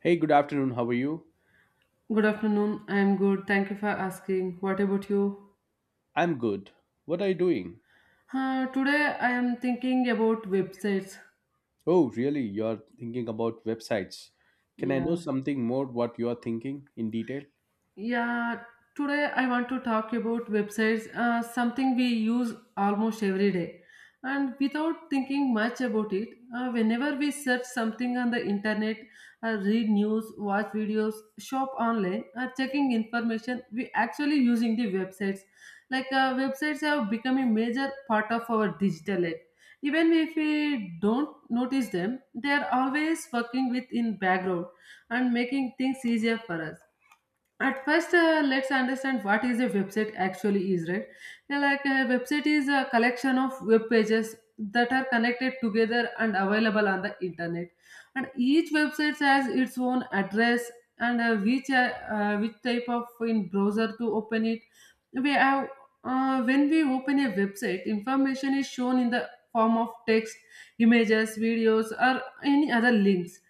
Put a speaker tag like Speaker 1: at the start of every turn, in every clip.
Speaker 1: Hey, good afternoon. How are you?
Speaker 2: Good afternoon. I am good. Thank you for asking. What about you?
Speaker 1: I'm good. What are you doing?
Speaker 2: Today I am thinking about websites.
Speaker 1: Oh, really? You're thinking about websites. Can I know
Speaker 2: Yeah.
Speaker 1: something more what you're thinking in detail?
Speaker 2: Yeah, today I want to talk about websites, something we use almost every day. And without thinking much about it, whenever we search something on the internet, read news, watch videos, shop online, or checking information, we actually using the websites. Like websites have become a major part of our digital life. Even if we don't notice them, they are always working with in background and making things easier for us. At first, let's understand what is a website actually is, right? Now, like, a website is a collection of web pages that are connected together and available on the internet, and each website has its own address, and which type of in browser to open it we have. When we open a website, information is shown in the form of text, images, videos, or any other links.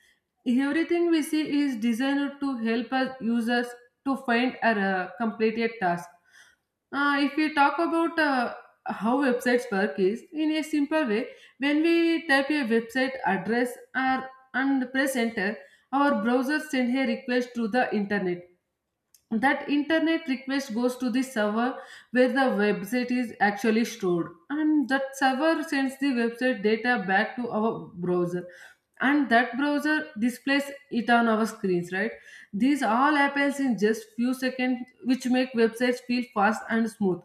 Speaker 2: Everything we see is designed to help us users to find or complete a task. If we talk about how websites work is in a simple way, when we type a website address or and press enter, our browser sends a request to the internet. That internet request goes to the server where the website is actually stored, and that server sends the website data back to our browser, and that browser displays it on our screens, right? These all happens in just few seconds, which make websites feel fast and smooth.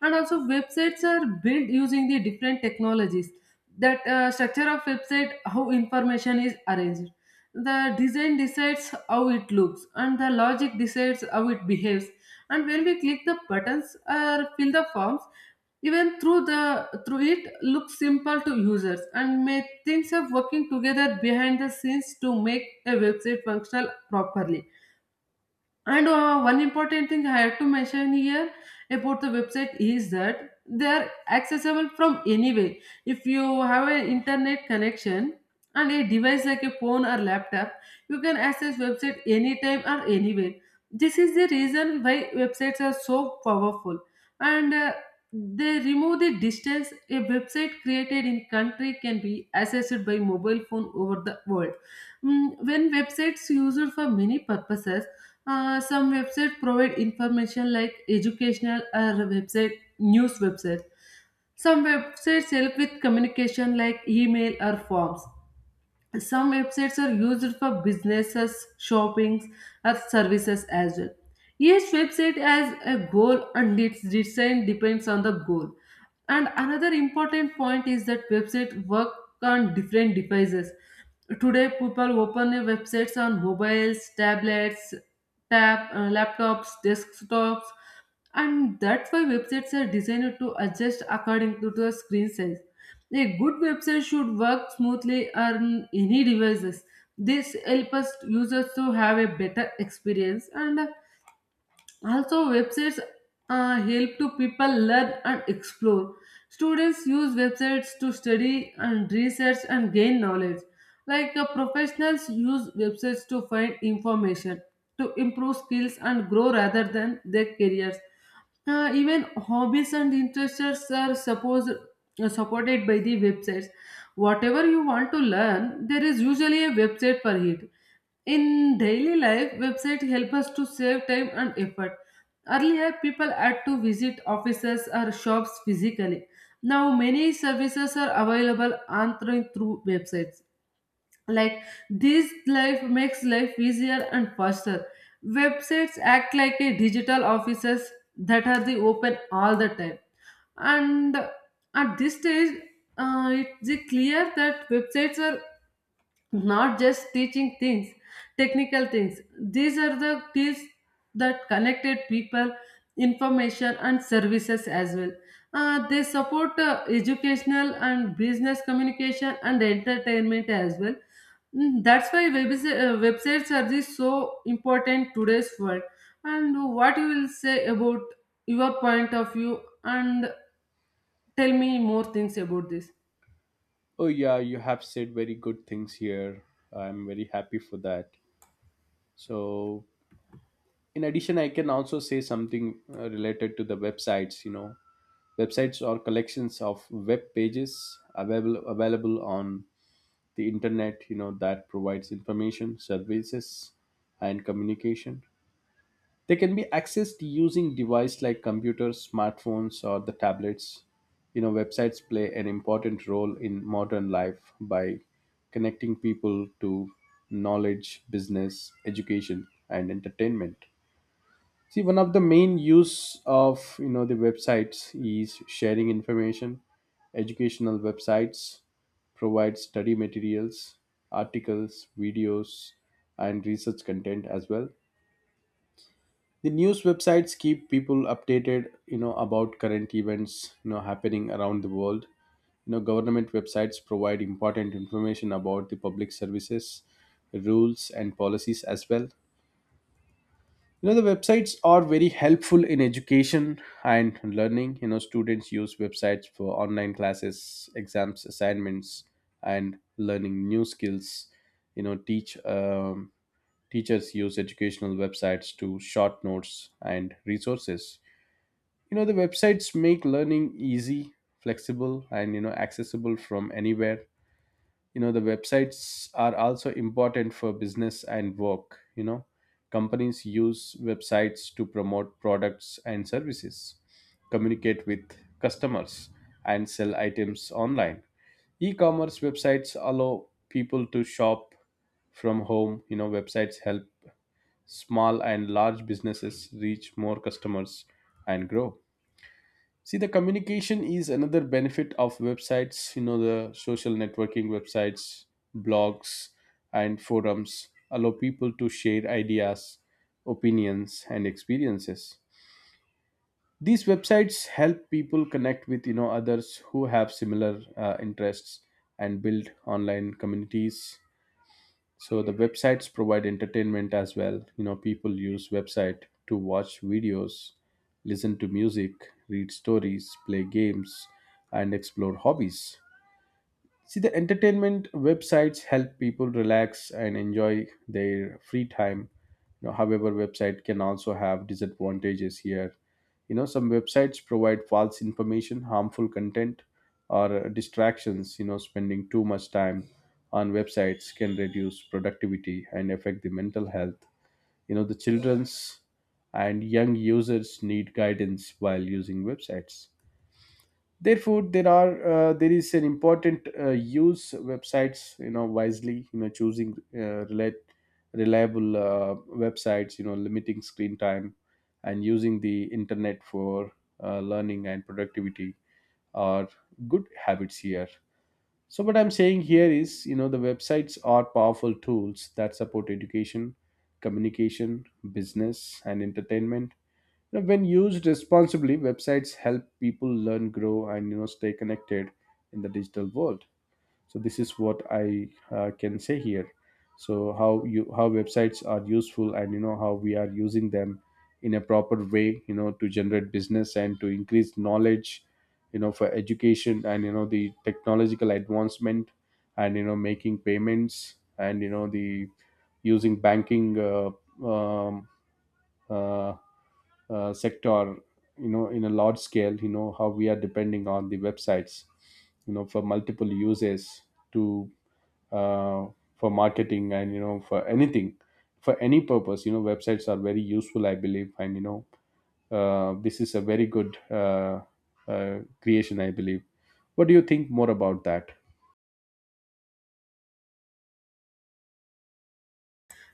Speaker 2: And also, websites are built using the different technologies. That structure of website, how information is arranged, the design decides how it looks, and the logic decides how it behaves. And when we click the buttons or fill the forms, even through it looks simple to users, and may things of working together behind the scenes to make a website functional properly. And one important thing I have to mention here about the website is that they are accessible from anywhere. If you have an internet connection and a device like a phone or laptop, you can access website anytime or anywhere. This is the reason why websites are so powerful. And they remove the distance. A website created in country can be accessed by mobile phone over the world. When websites used for many purposes, some websites provide information like educational or website news websites. Some websites help with communication like email or forms. Some websites are used for businesses, shoppings, or services as well. Each website has a goal, and its design depends on the goal. And another important point is that websites work on different devices. Today, people open their websites on mobiles, tablets, laptops, desktops, and that's why websites are designed to adjust according to the screen size. A good website should work smoothly on any devices. This helps us users to have a better experience. And also, websites help to people learn and explore. Students use websites to study and research and gain knowledge. Like, professionals use websites to find information, to improve skills and grow rather than their careers. Even hobbies and interests are supposed supported by the websites. Whatever you want to learn, there is usually a website for it. In daily life, websites help us to save time and effort. Earlier, people had to visit offices or shops physically. Now, many services are available on through websites. Like, this life makes life easier and faster. Websites act like a digital offices that are the open all the time. And at this stage, it's clear that websites are not just teaching things, technical things. These are the tools that connected people, information, and services as well. They support educational and business communication and entertainment as well. That's why websites are this so important today's world, and what you will say about your point of view, and tell me more things about this.
Speaker 1: Oh, yeah, you have said very good things here. I'm very happy for that. So, in addition, I can also say something related to the websites. Websites or collections of web pages available on the internet that provides information services and communication. They can be accessed using devices like computers, smartphones, or the tablets. Websites play an important role in modern life by connecting people to knowledge, business, education, and entertainment. See, one of the main use of the websites is sharing information. Educational websites provide study materials, articles, videos, and research content as well. The news websites keep people updated, about current events, happening around the world. Government websites provide important information about the public services, rules, and policies as well. The websites are very helpful in education and learning. Students use websites for online classes, exams, assignments, and learning new skills. You know, teach um, teachers use educational websites to short notes and resources. The websites make learning easy, flexible, and accessible from anywhere. The websites are also important for business and work. Companies use websites to promote products and services, communicate with customers, and sell items online. E-commerce websites allow people to shop from home. Websites help small and large businesses reach more customers and grow. See, the communication is another benefit of websites, the social networking websites, blogs, and forums allow people to share ideas, opinions, and experiences. These websites help people connect with, others who have similar interests and build online communities. So the websites provide entertainment as well. People use website to watch videos, listen to music, read stories, play games, and explore hobbies. See, the entertainment websites help people relax and enjoy their free time. You know, however, website can also have disadvantages here. You know, some websites provide false information, harmful content, or distractions. You know, spending too much time on websites can reduce productivity and affect the mental health. You know, the children's and young users need guidance while using websites. Therefore, there is an important use websites wisely, choosing reliable websites, limiting screen time and using the internet for learning and productivity are good habits here. So what I'm saying here is the websites are powerful tools that support education, communication, business, and entertainment. Now, when used responsibly, websites help people learn, grow, and stay connected in the digital world. So this is what I can say here. So how you how websites are useful, and how we are using them in a proper way, to generate business and to increase knowledge, for education and the technological advancement, and making payments and the using banking um, uh, sector, in a large scale, how we are depending on the websites, for multiple uses, to uh, for marketing and for anything, for any purpose. Websites are very useful, I believe. And this is a very good creation, I believe. What do you think more about that?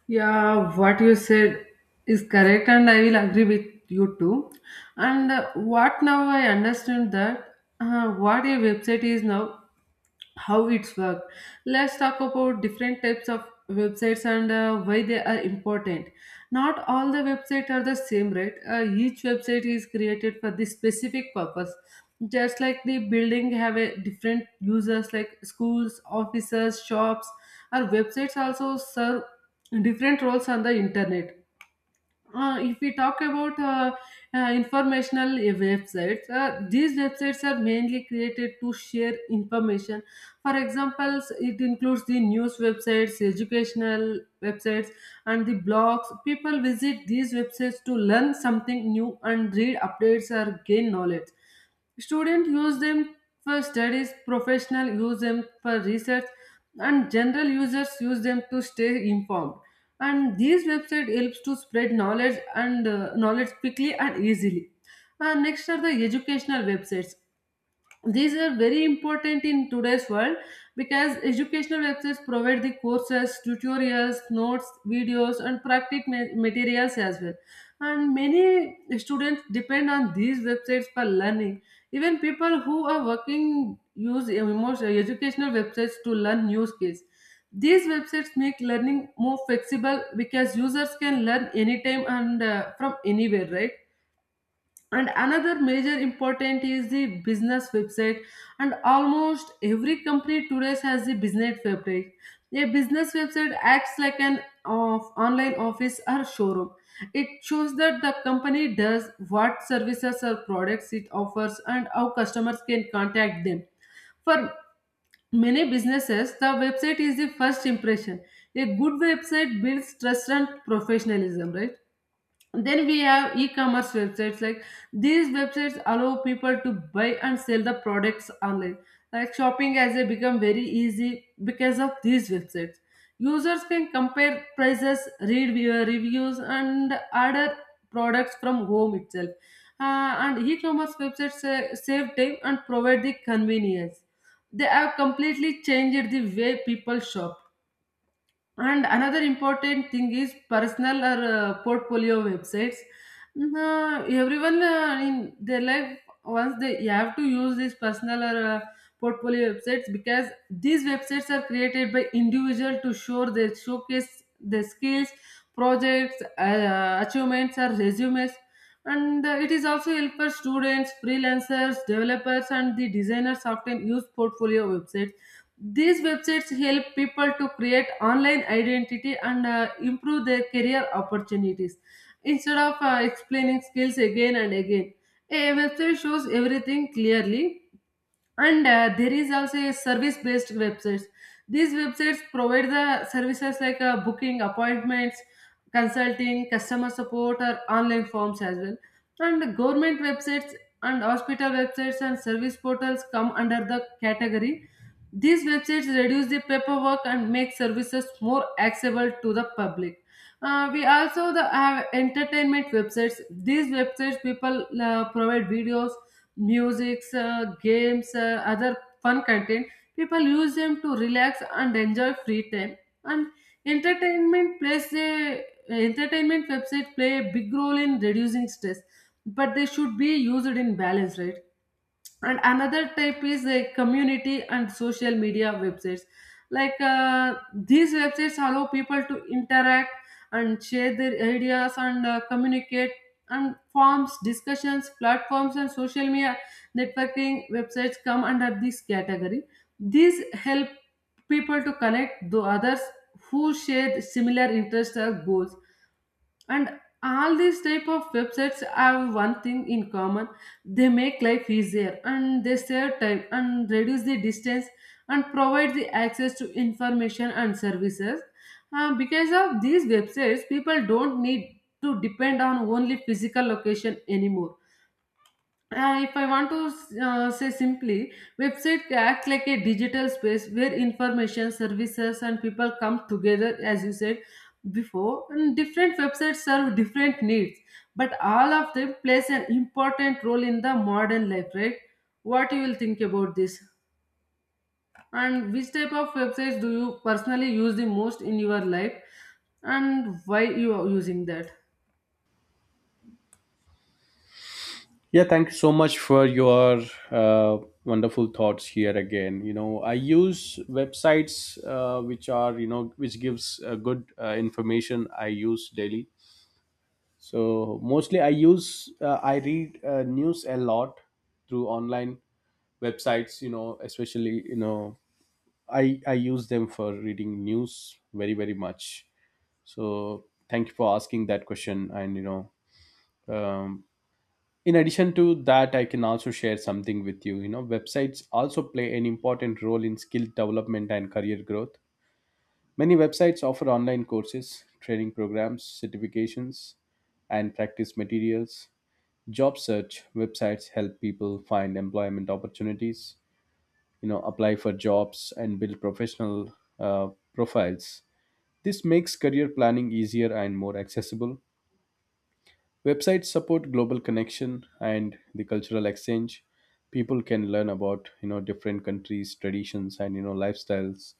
Speaker 2: Yeah, what you said is correct, and I will agree with you too. And what now I understand that what a website is now, how it's worked. Let's talk about different types of websites and why they are important. Not all the websites are the same, right? Each website is created for this specific purpose. Just like the building have a different users like schools, offices, shops, our websites also serve different roles on the internet. If we talk about informational websites, these websites are mainly created to share information. For example, it includes the news websites, educational websites, and the blogs. People visit these websites to learn something new and read updates or gain knowledge. Students use them for studies, professionals use them for research, and general users use them to stay informed. And these website helps to spread knowledge quickly and easily. And next are the educational websites. These are very important in today's world, because educational websites provide the courses, tutorials, notes, videos, and materials as well. And many students depend on these websites for learning. Even people who are working use emotional educational websites to learn new skills. These websites make learning more flexible, because users can learn anytime and from anywhere, right? And another major important is the business website. And almost every company today has the business website. A business website acts like an of online office or showroom. It shows that the company does what services or products it offers and how customers can contact them. For many businesses, the website is the first impression. A good website builds trust and professionalism, right? Then we have e-commerce websites. Like, these websites allow people to buy and sell the products online. Like, shopping has become very easy because of these websites. Users can compare prices, read viewer reviews, and order products from home itself. And e-commerce websites save time and provide the convenience. They have completely changed the way people shop. And another important thing is personal or portfolio websites. Everyone in their life, once they you have to use these personal or portfolio websites, because these websites are created by individual to showcase their skills, projects, achievements or resumes. And it is also help for students, freelancers, developers, and the designers often use portfolio websites. These websites help people to create online identity and improve their career opportunities instead of explaining skills again and again. A website shows everything clearly. And there is also a service based websites. These websites provide the services like booking appointments, consulting, customer support, or online forms as well. And the government websites and hospital websites and service portals come under the category. These websites reduce the paperwork and make services more accessible to the public. We also have entertainment websites. These websites people provide videos, musics, games, other fun content. People use them to relax and enjoy free time. And entertainment plays a entertainment website play a big role in reducing stress, but they should be used in balance, right? And another type is like community and social media websites. These websites allow people to interact and share their ideas and communicate. And forms, discussions platforms, and social media networking websites come under this category. These help people to connect to others who share similar interests or goals. And all these type of websites have one thing in common. They make life easier, and they save time and reduce the distance and provide the access to information and services. Because of these websites, people don't need to depend on only physical location anymore. If I want to say simply, website acts like a digital space where information, services, and people come together, as you said before. And different websites serve different needs, but all of them plays an important role in the modern life, right? What you will think about this? And which type of websites do you personally use the most in your life, and why you are using that?
Speaker 1: Yeah, thank you so much for your uh, wonderful thoughts here again. You know, I use websites which are which gives good information. I use daily. So mostly I use I read news a lot through online websites. You know, especially I use them for reading news very much. So thank you for asking that question. And you know um, in addition to that, I can also share something with you you know Websites also play an important role in skill development and career growth. Many websites offer online courses, training programs, certifications, and practice materials. Job search websites help people find employment opportunities, apply for jobs, and build professional uh, profiles. This makes career planning easier and more accessible. Websites support global connection and the cultural exchange. People can learn about different countries, traditions, and lifestyles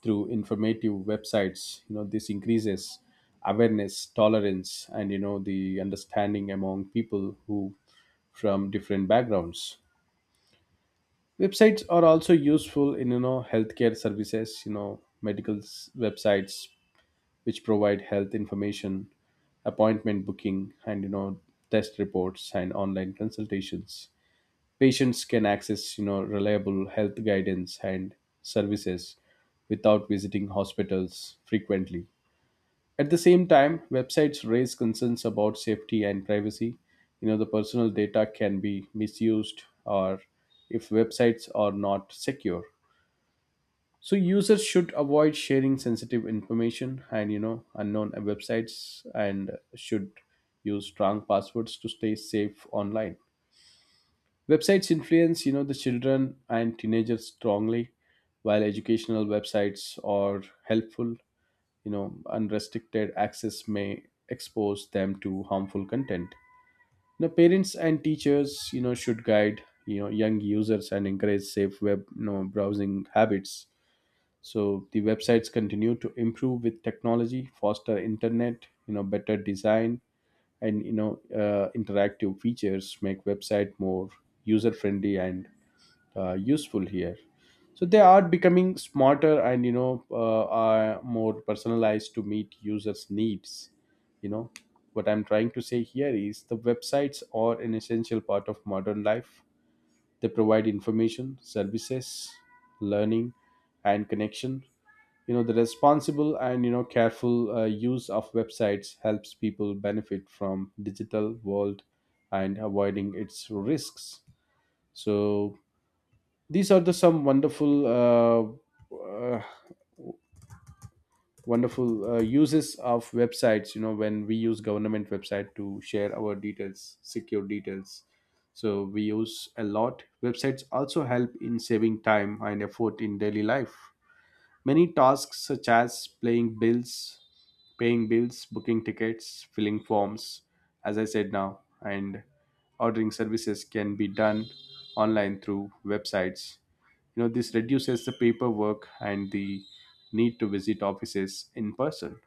Speaker 1: through informative websites. You know this increases awareness, tolerance, and the understanding among people who from different backgrounds. Websites are also useful in healthcare services. You know websites which provide health information, appointment booking, and test reports and online consultations. Patients can access reliable health guidance and services without visiting hospitals frequently. At the same time, websites raise concerns about safety and privacy. You know, the personal data can be misused or if websites are not secure. So users should avoid sharing sensitive information and unknown websites and should use strong passwords to stay safe online. Websites influence the children and teenagers strongly. While educational websites are helpful, unrestricted access may expose them to harmful content. Now parents and teachers should guide young users and encourage safe web browsing habits. So the websites continue to improve with technology. Faster internet, better design, and interactive features make website more user friendly and useful here. So they are becoming smarter and are more personalized to meet users needs you know what I'm trying to say here is the websites are an essential part of modern life. They provide information, services, learning, and connection. The responsible and careful use of websites helps people benefit from digital world and avoiding its risks. So these are the some wonderful wonderful uses of websites. When we use government website to share our details, secure details, so we use a lot. Websites also help in saving time and effort in daily life. Many tasks, such as paying bills, booking tickets, filling forms, as I said now, and ordering services, can be done online through websites. You know, this reduces the paperwork and the need to visit offices in person.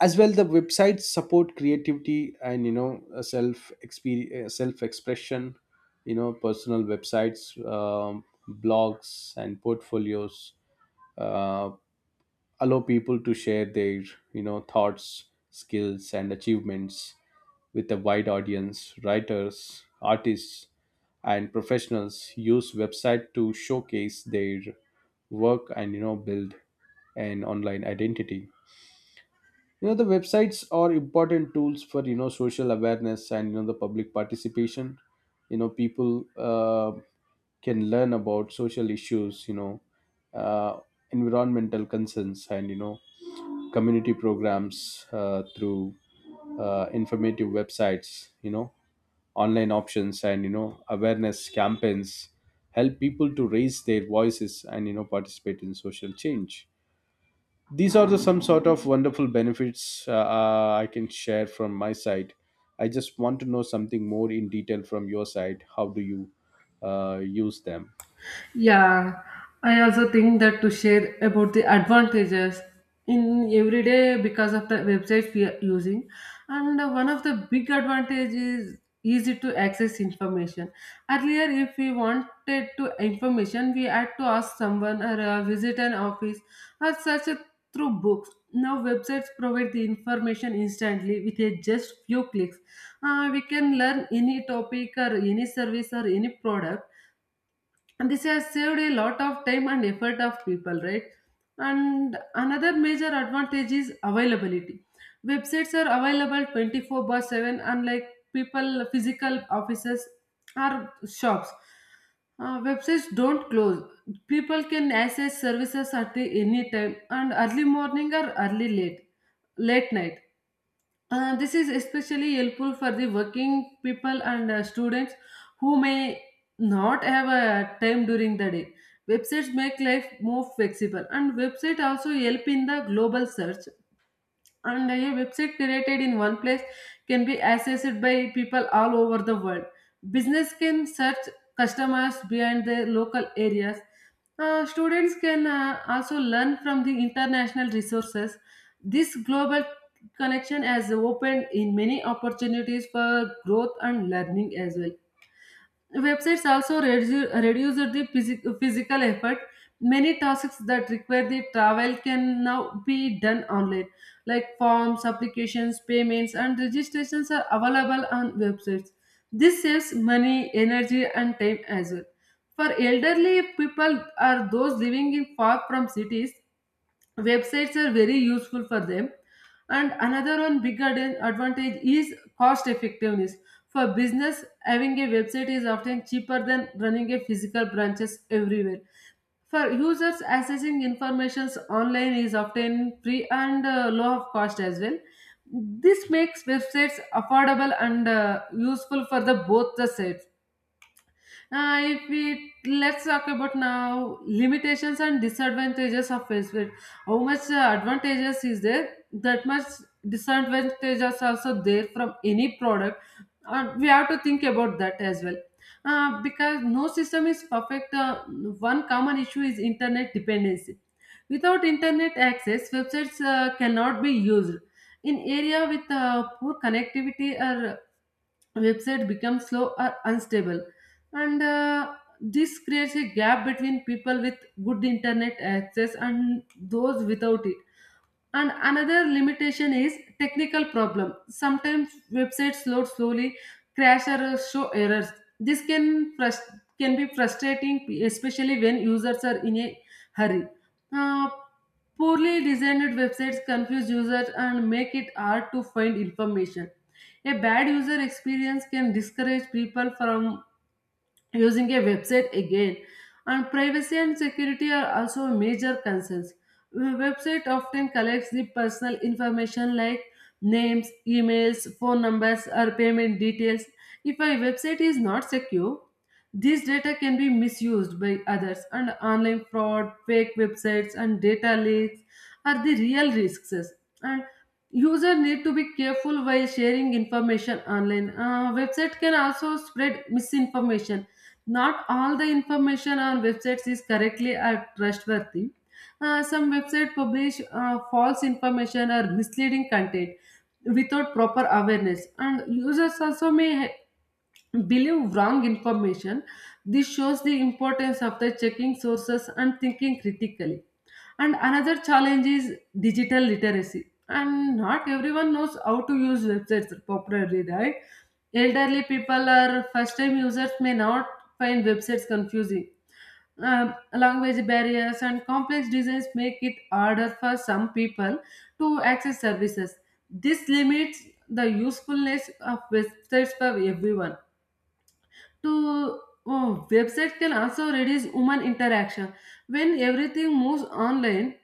Speaker 1: As well, the websites support creativity and self expression. You know, personal websites, blogs, and portfolios uh, allow people to share their thoughts, skills, and achievements with a wide audience. Writers, artists, and professionals use website to showcase their work and build an online identity. The websites are important tools for social awareness and the public participation. People can learn about social issues, uh, environmental concerns, and community programs through informative websites. Online options and awareness campaigns help people to raise their voices and participate in social change. These are the some sort of wonderful benefits I can share from my side. I just want to know something more in detail from your side. How do you use them?
Speaker 2: Yeah, I also think that to share about the advantages in everyday because of the website we are using, and one of the big advantages is easy to access information. Earlier, if we wanted to information, we had to ask someone or visit an office or search it through books. Now, websites provide the information instantly with a just few clicks. We can learn any topic or any service or any product, and this has saved a lot of time and effort of people, right? And another major advantage is availability. Websites are available 24 by 7, unlike people physical offices or shops. Websites don't close. People can access services at the any time, and early morning or early late late night. This is especially helpful for the working people and students who may not have a time during the day. Websites make life more flexible, and website also help in the global search, and a website created in one place can be accessed by people all over the world. Business can search customers beyond their local areas. Students can also learn from the international resources. This global connection has opened in many opportunities for growth and learning as well. Websites also reduce the physical effort. Many tasks that require the travel can now be done online, like forms, applications, payments, and registrations are available on websites. This saves money, energy, and time as well. For elderly people or those living in far from cities, websites are very useful for them, and another one big advantage is cost effectiveness. For business, having a website is often cheaper than running a physical branches everywhere. For users, accessing informations online is often free and low of cost as well. This makes websites affordable and useful for the both the sides. Uh, if we let's talk about now limitations and disadvantages of Facebook. How much advantages is there? That much disadvantages also there from any product. We have to think about that as well. Because no system is perfect. One common issue is internet dependency. Without internet access, websites cannot be used. In area with poor connectivity or website becomes slow or unstable, and this creates a gap between people with good internet access and those without it. And another limitation is technical problem. Sometimes websites load slowly, crash or show errors. This can frust- can be frustrating, especially when users are in a hurry. Uh, Poorly designed websites confuse users and make it hard to find information. A bad user experience can discourage people from using a website again. And privacy and security are also major concerns. A website often collects the personal information like names, emails, phone numbers or payment details. If a website is not secure, this data can be misused by others, and online fraud, fake websites and data leaks are the real risks. And user need to be careful while sharing information online. Website can also spread misinformation. Not all the information on websites is correctly or trustworthy. Some websites publish false information or misleading content without proper awareness, and users also may believe wrong information. This shows the importance of the checking sources and thinking critically. And another challenge is digital literacy. And not everyone knows how to use websites properly, right? Elderly people or first time users may not find websites confusing. Language barriers and complex designs make it harder for some people to access services. This limits the usefulness of websites for everyone to oh, website can also reduce human interaction. When everything moves online,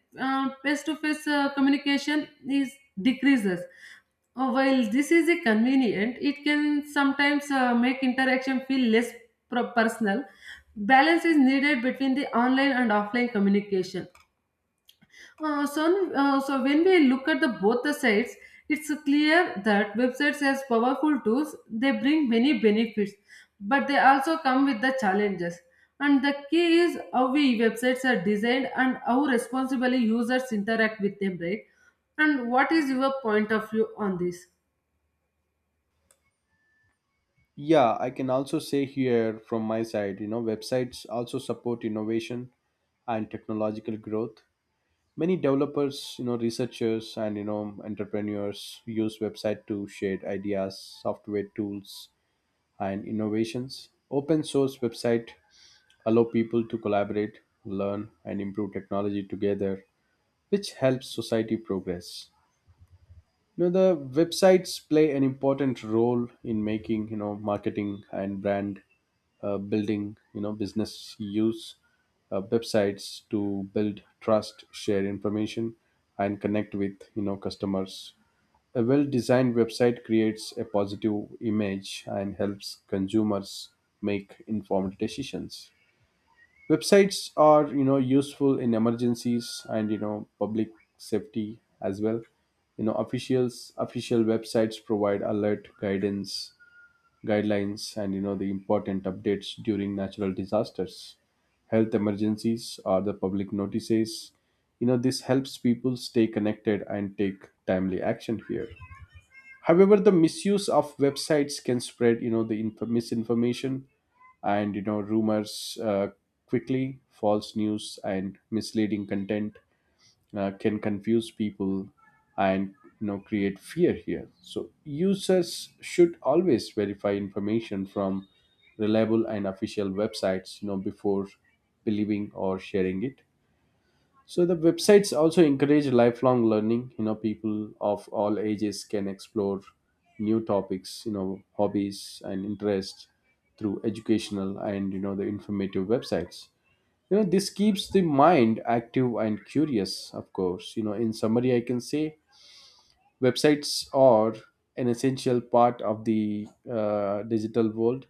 Speaker 2: face to face communication is decreases. While this is a convenient, it can sometimes make interaction feel less personal. Balance is needed between the online and offline communication. So when we look at the both the sides, it's clear that websites as powerful tools, they bring many benefits, but they also come with the challenges. And the key is how we websites are designed and how responsibly users interact with them, right? And what is your point of view on this?
Speaker 1: Yeah, I can also say here from my side. Websites also support innovation and technological growth. Many developers, researchers, and entrepreneurs use website to share ideas, software tools, and innovations. Open source website allow people to collaborate, learn, and improve technology together, which helps society progress. The websites play an important role in making marketing and brand building. Business use websites to build trust, share information, and connect with customers. A well designed website creates a positive image and helps consumers make informed decisions. Websites are useful in emergencies and public safety as well. You know official websites provide alert guidance, guidelines, and the important updates during natural disasters, health emergencies, or the public notices. You know this helps people stay connected and take timely action here. However, the misuse of websites can spread, you know, the misinformation and rumors quickly. False news and misleading content can confuse people and create fear here. So users should always verify information from reliable and official websites, you know, before believing or sharing it. So the websites also encourage lifelong learning. You know, people of all ages can explore new topics, you know, hobbies and interests through educational and the informative websites. You know, this keeps the mind active and curious, of course. You know, in summary, I can say websites are an essential part of the digital world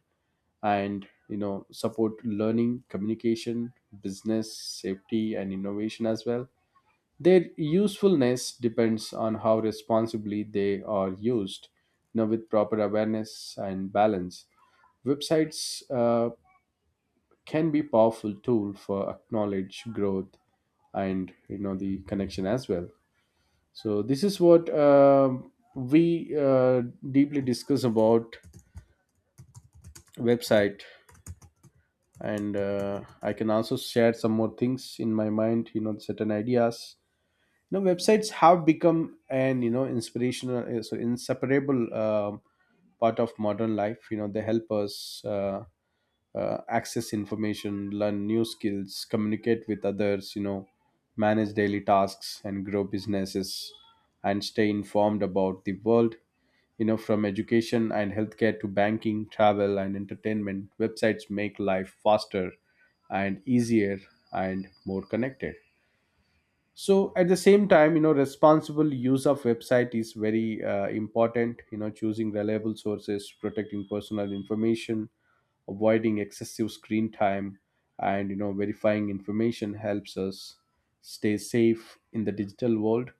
Speaker 1: and support learning, communication, business, safety and innovation as well. Their usefulness depends on how responsibly they are used, you know, with proper awareness and balance. Websites can be powerful tool for acknowledge growth and the connection as well. So this is what we deeply discuss about website, and I can also share some more things in my mind, you know, certain ideas. Now websites have become an inspirational so inseparable part of modern life. You know, they help us uh, access information, learn new skills, communicate with others, you know, manage daily tasks and grow businesses and stay informed about the world. You know, from education and healthcare to banking, travel and entertainment, websites make life faster and easier and more connected. So at the same time, you know, responsible use of website is very important. You know, choosing reliable sources, protecting personal information, avoiding excessive screen time, and verifying information helps us stay safe in the digital world.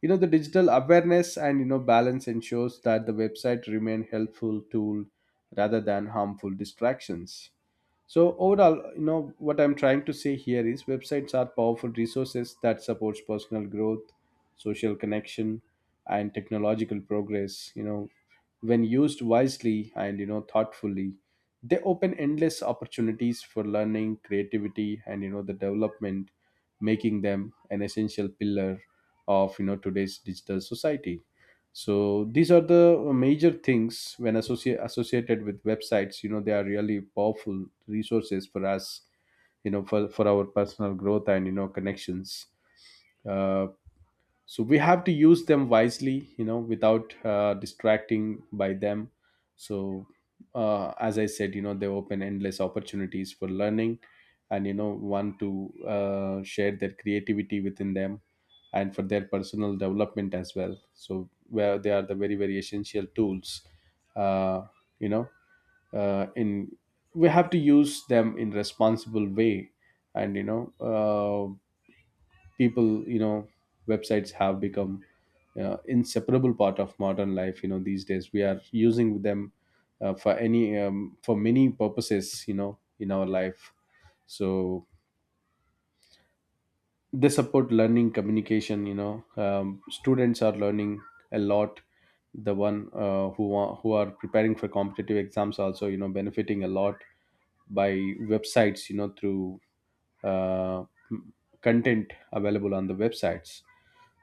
Speaker 1: You know, the digital awareness and balance ensures that the website remain helpful tool rather than harmful distractions. So overall, you know, what I'm trying to say here is websites are powerful resources that supports personal growth, social connection and technological progress. You know, when used wisely and thoughtfully, they open endless opportunities for learning, creativity and the development, making them an essential pillar of today's digital society. So these are the major things when associated with websites. You know, they are really powerful resources for us, you know, for our personal growth and connections. uh, so we have to use them wisely, you know, without distracting by them. So as I said, you know, they open endless opportunities for learning, and want to share their creativity within them, and for their personal development as well. So where they are the very very essential tools. uh, you know, in, we have to use them in responsible way. And people, websites have become inseparable part of modern life. You know, these days we are using them for any for many purposes, you know, in our life. So they support learning, communication. You know, students are learning a lot. The one who are preparing for competitive exams also, you know, benefiting a lot by websites, you know, through uh, content available on the websites.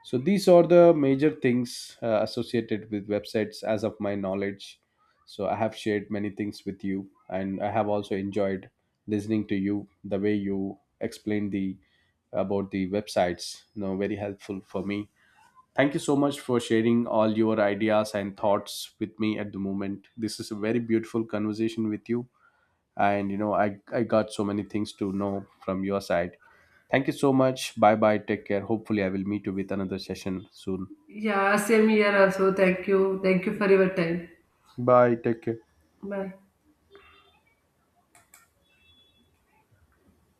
Speaker 1: So these are the major things associated with websites as of my knowledge. So I have shared many things with you, and I have also enjoyed listening to you the way you explained the about the websites. You know, very helpful for me. Thank you so much for sharing all your ideas and thoughts with me at the moment. This is a very beautiful conversation with you, and you know, I got so many things to know from your side. Thank you so much. Bye bye, take care. Hopefully I will meet you with another session soon.
Speaker 2: Yeah, same here also. Thank you. Thank you for your time.
Speaker 1: Bye, take care.
Speaker 2: Bye.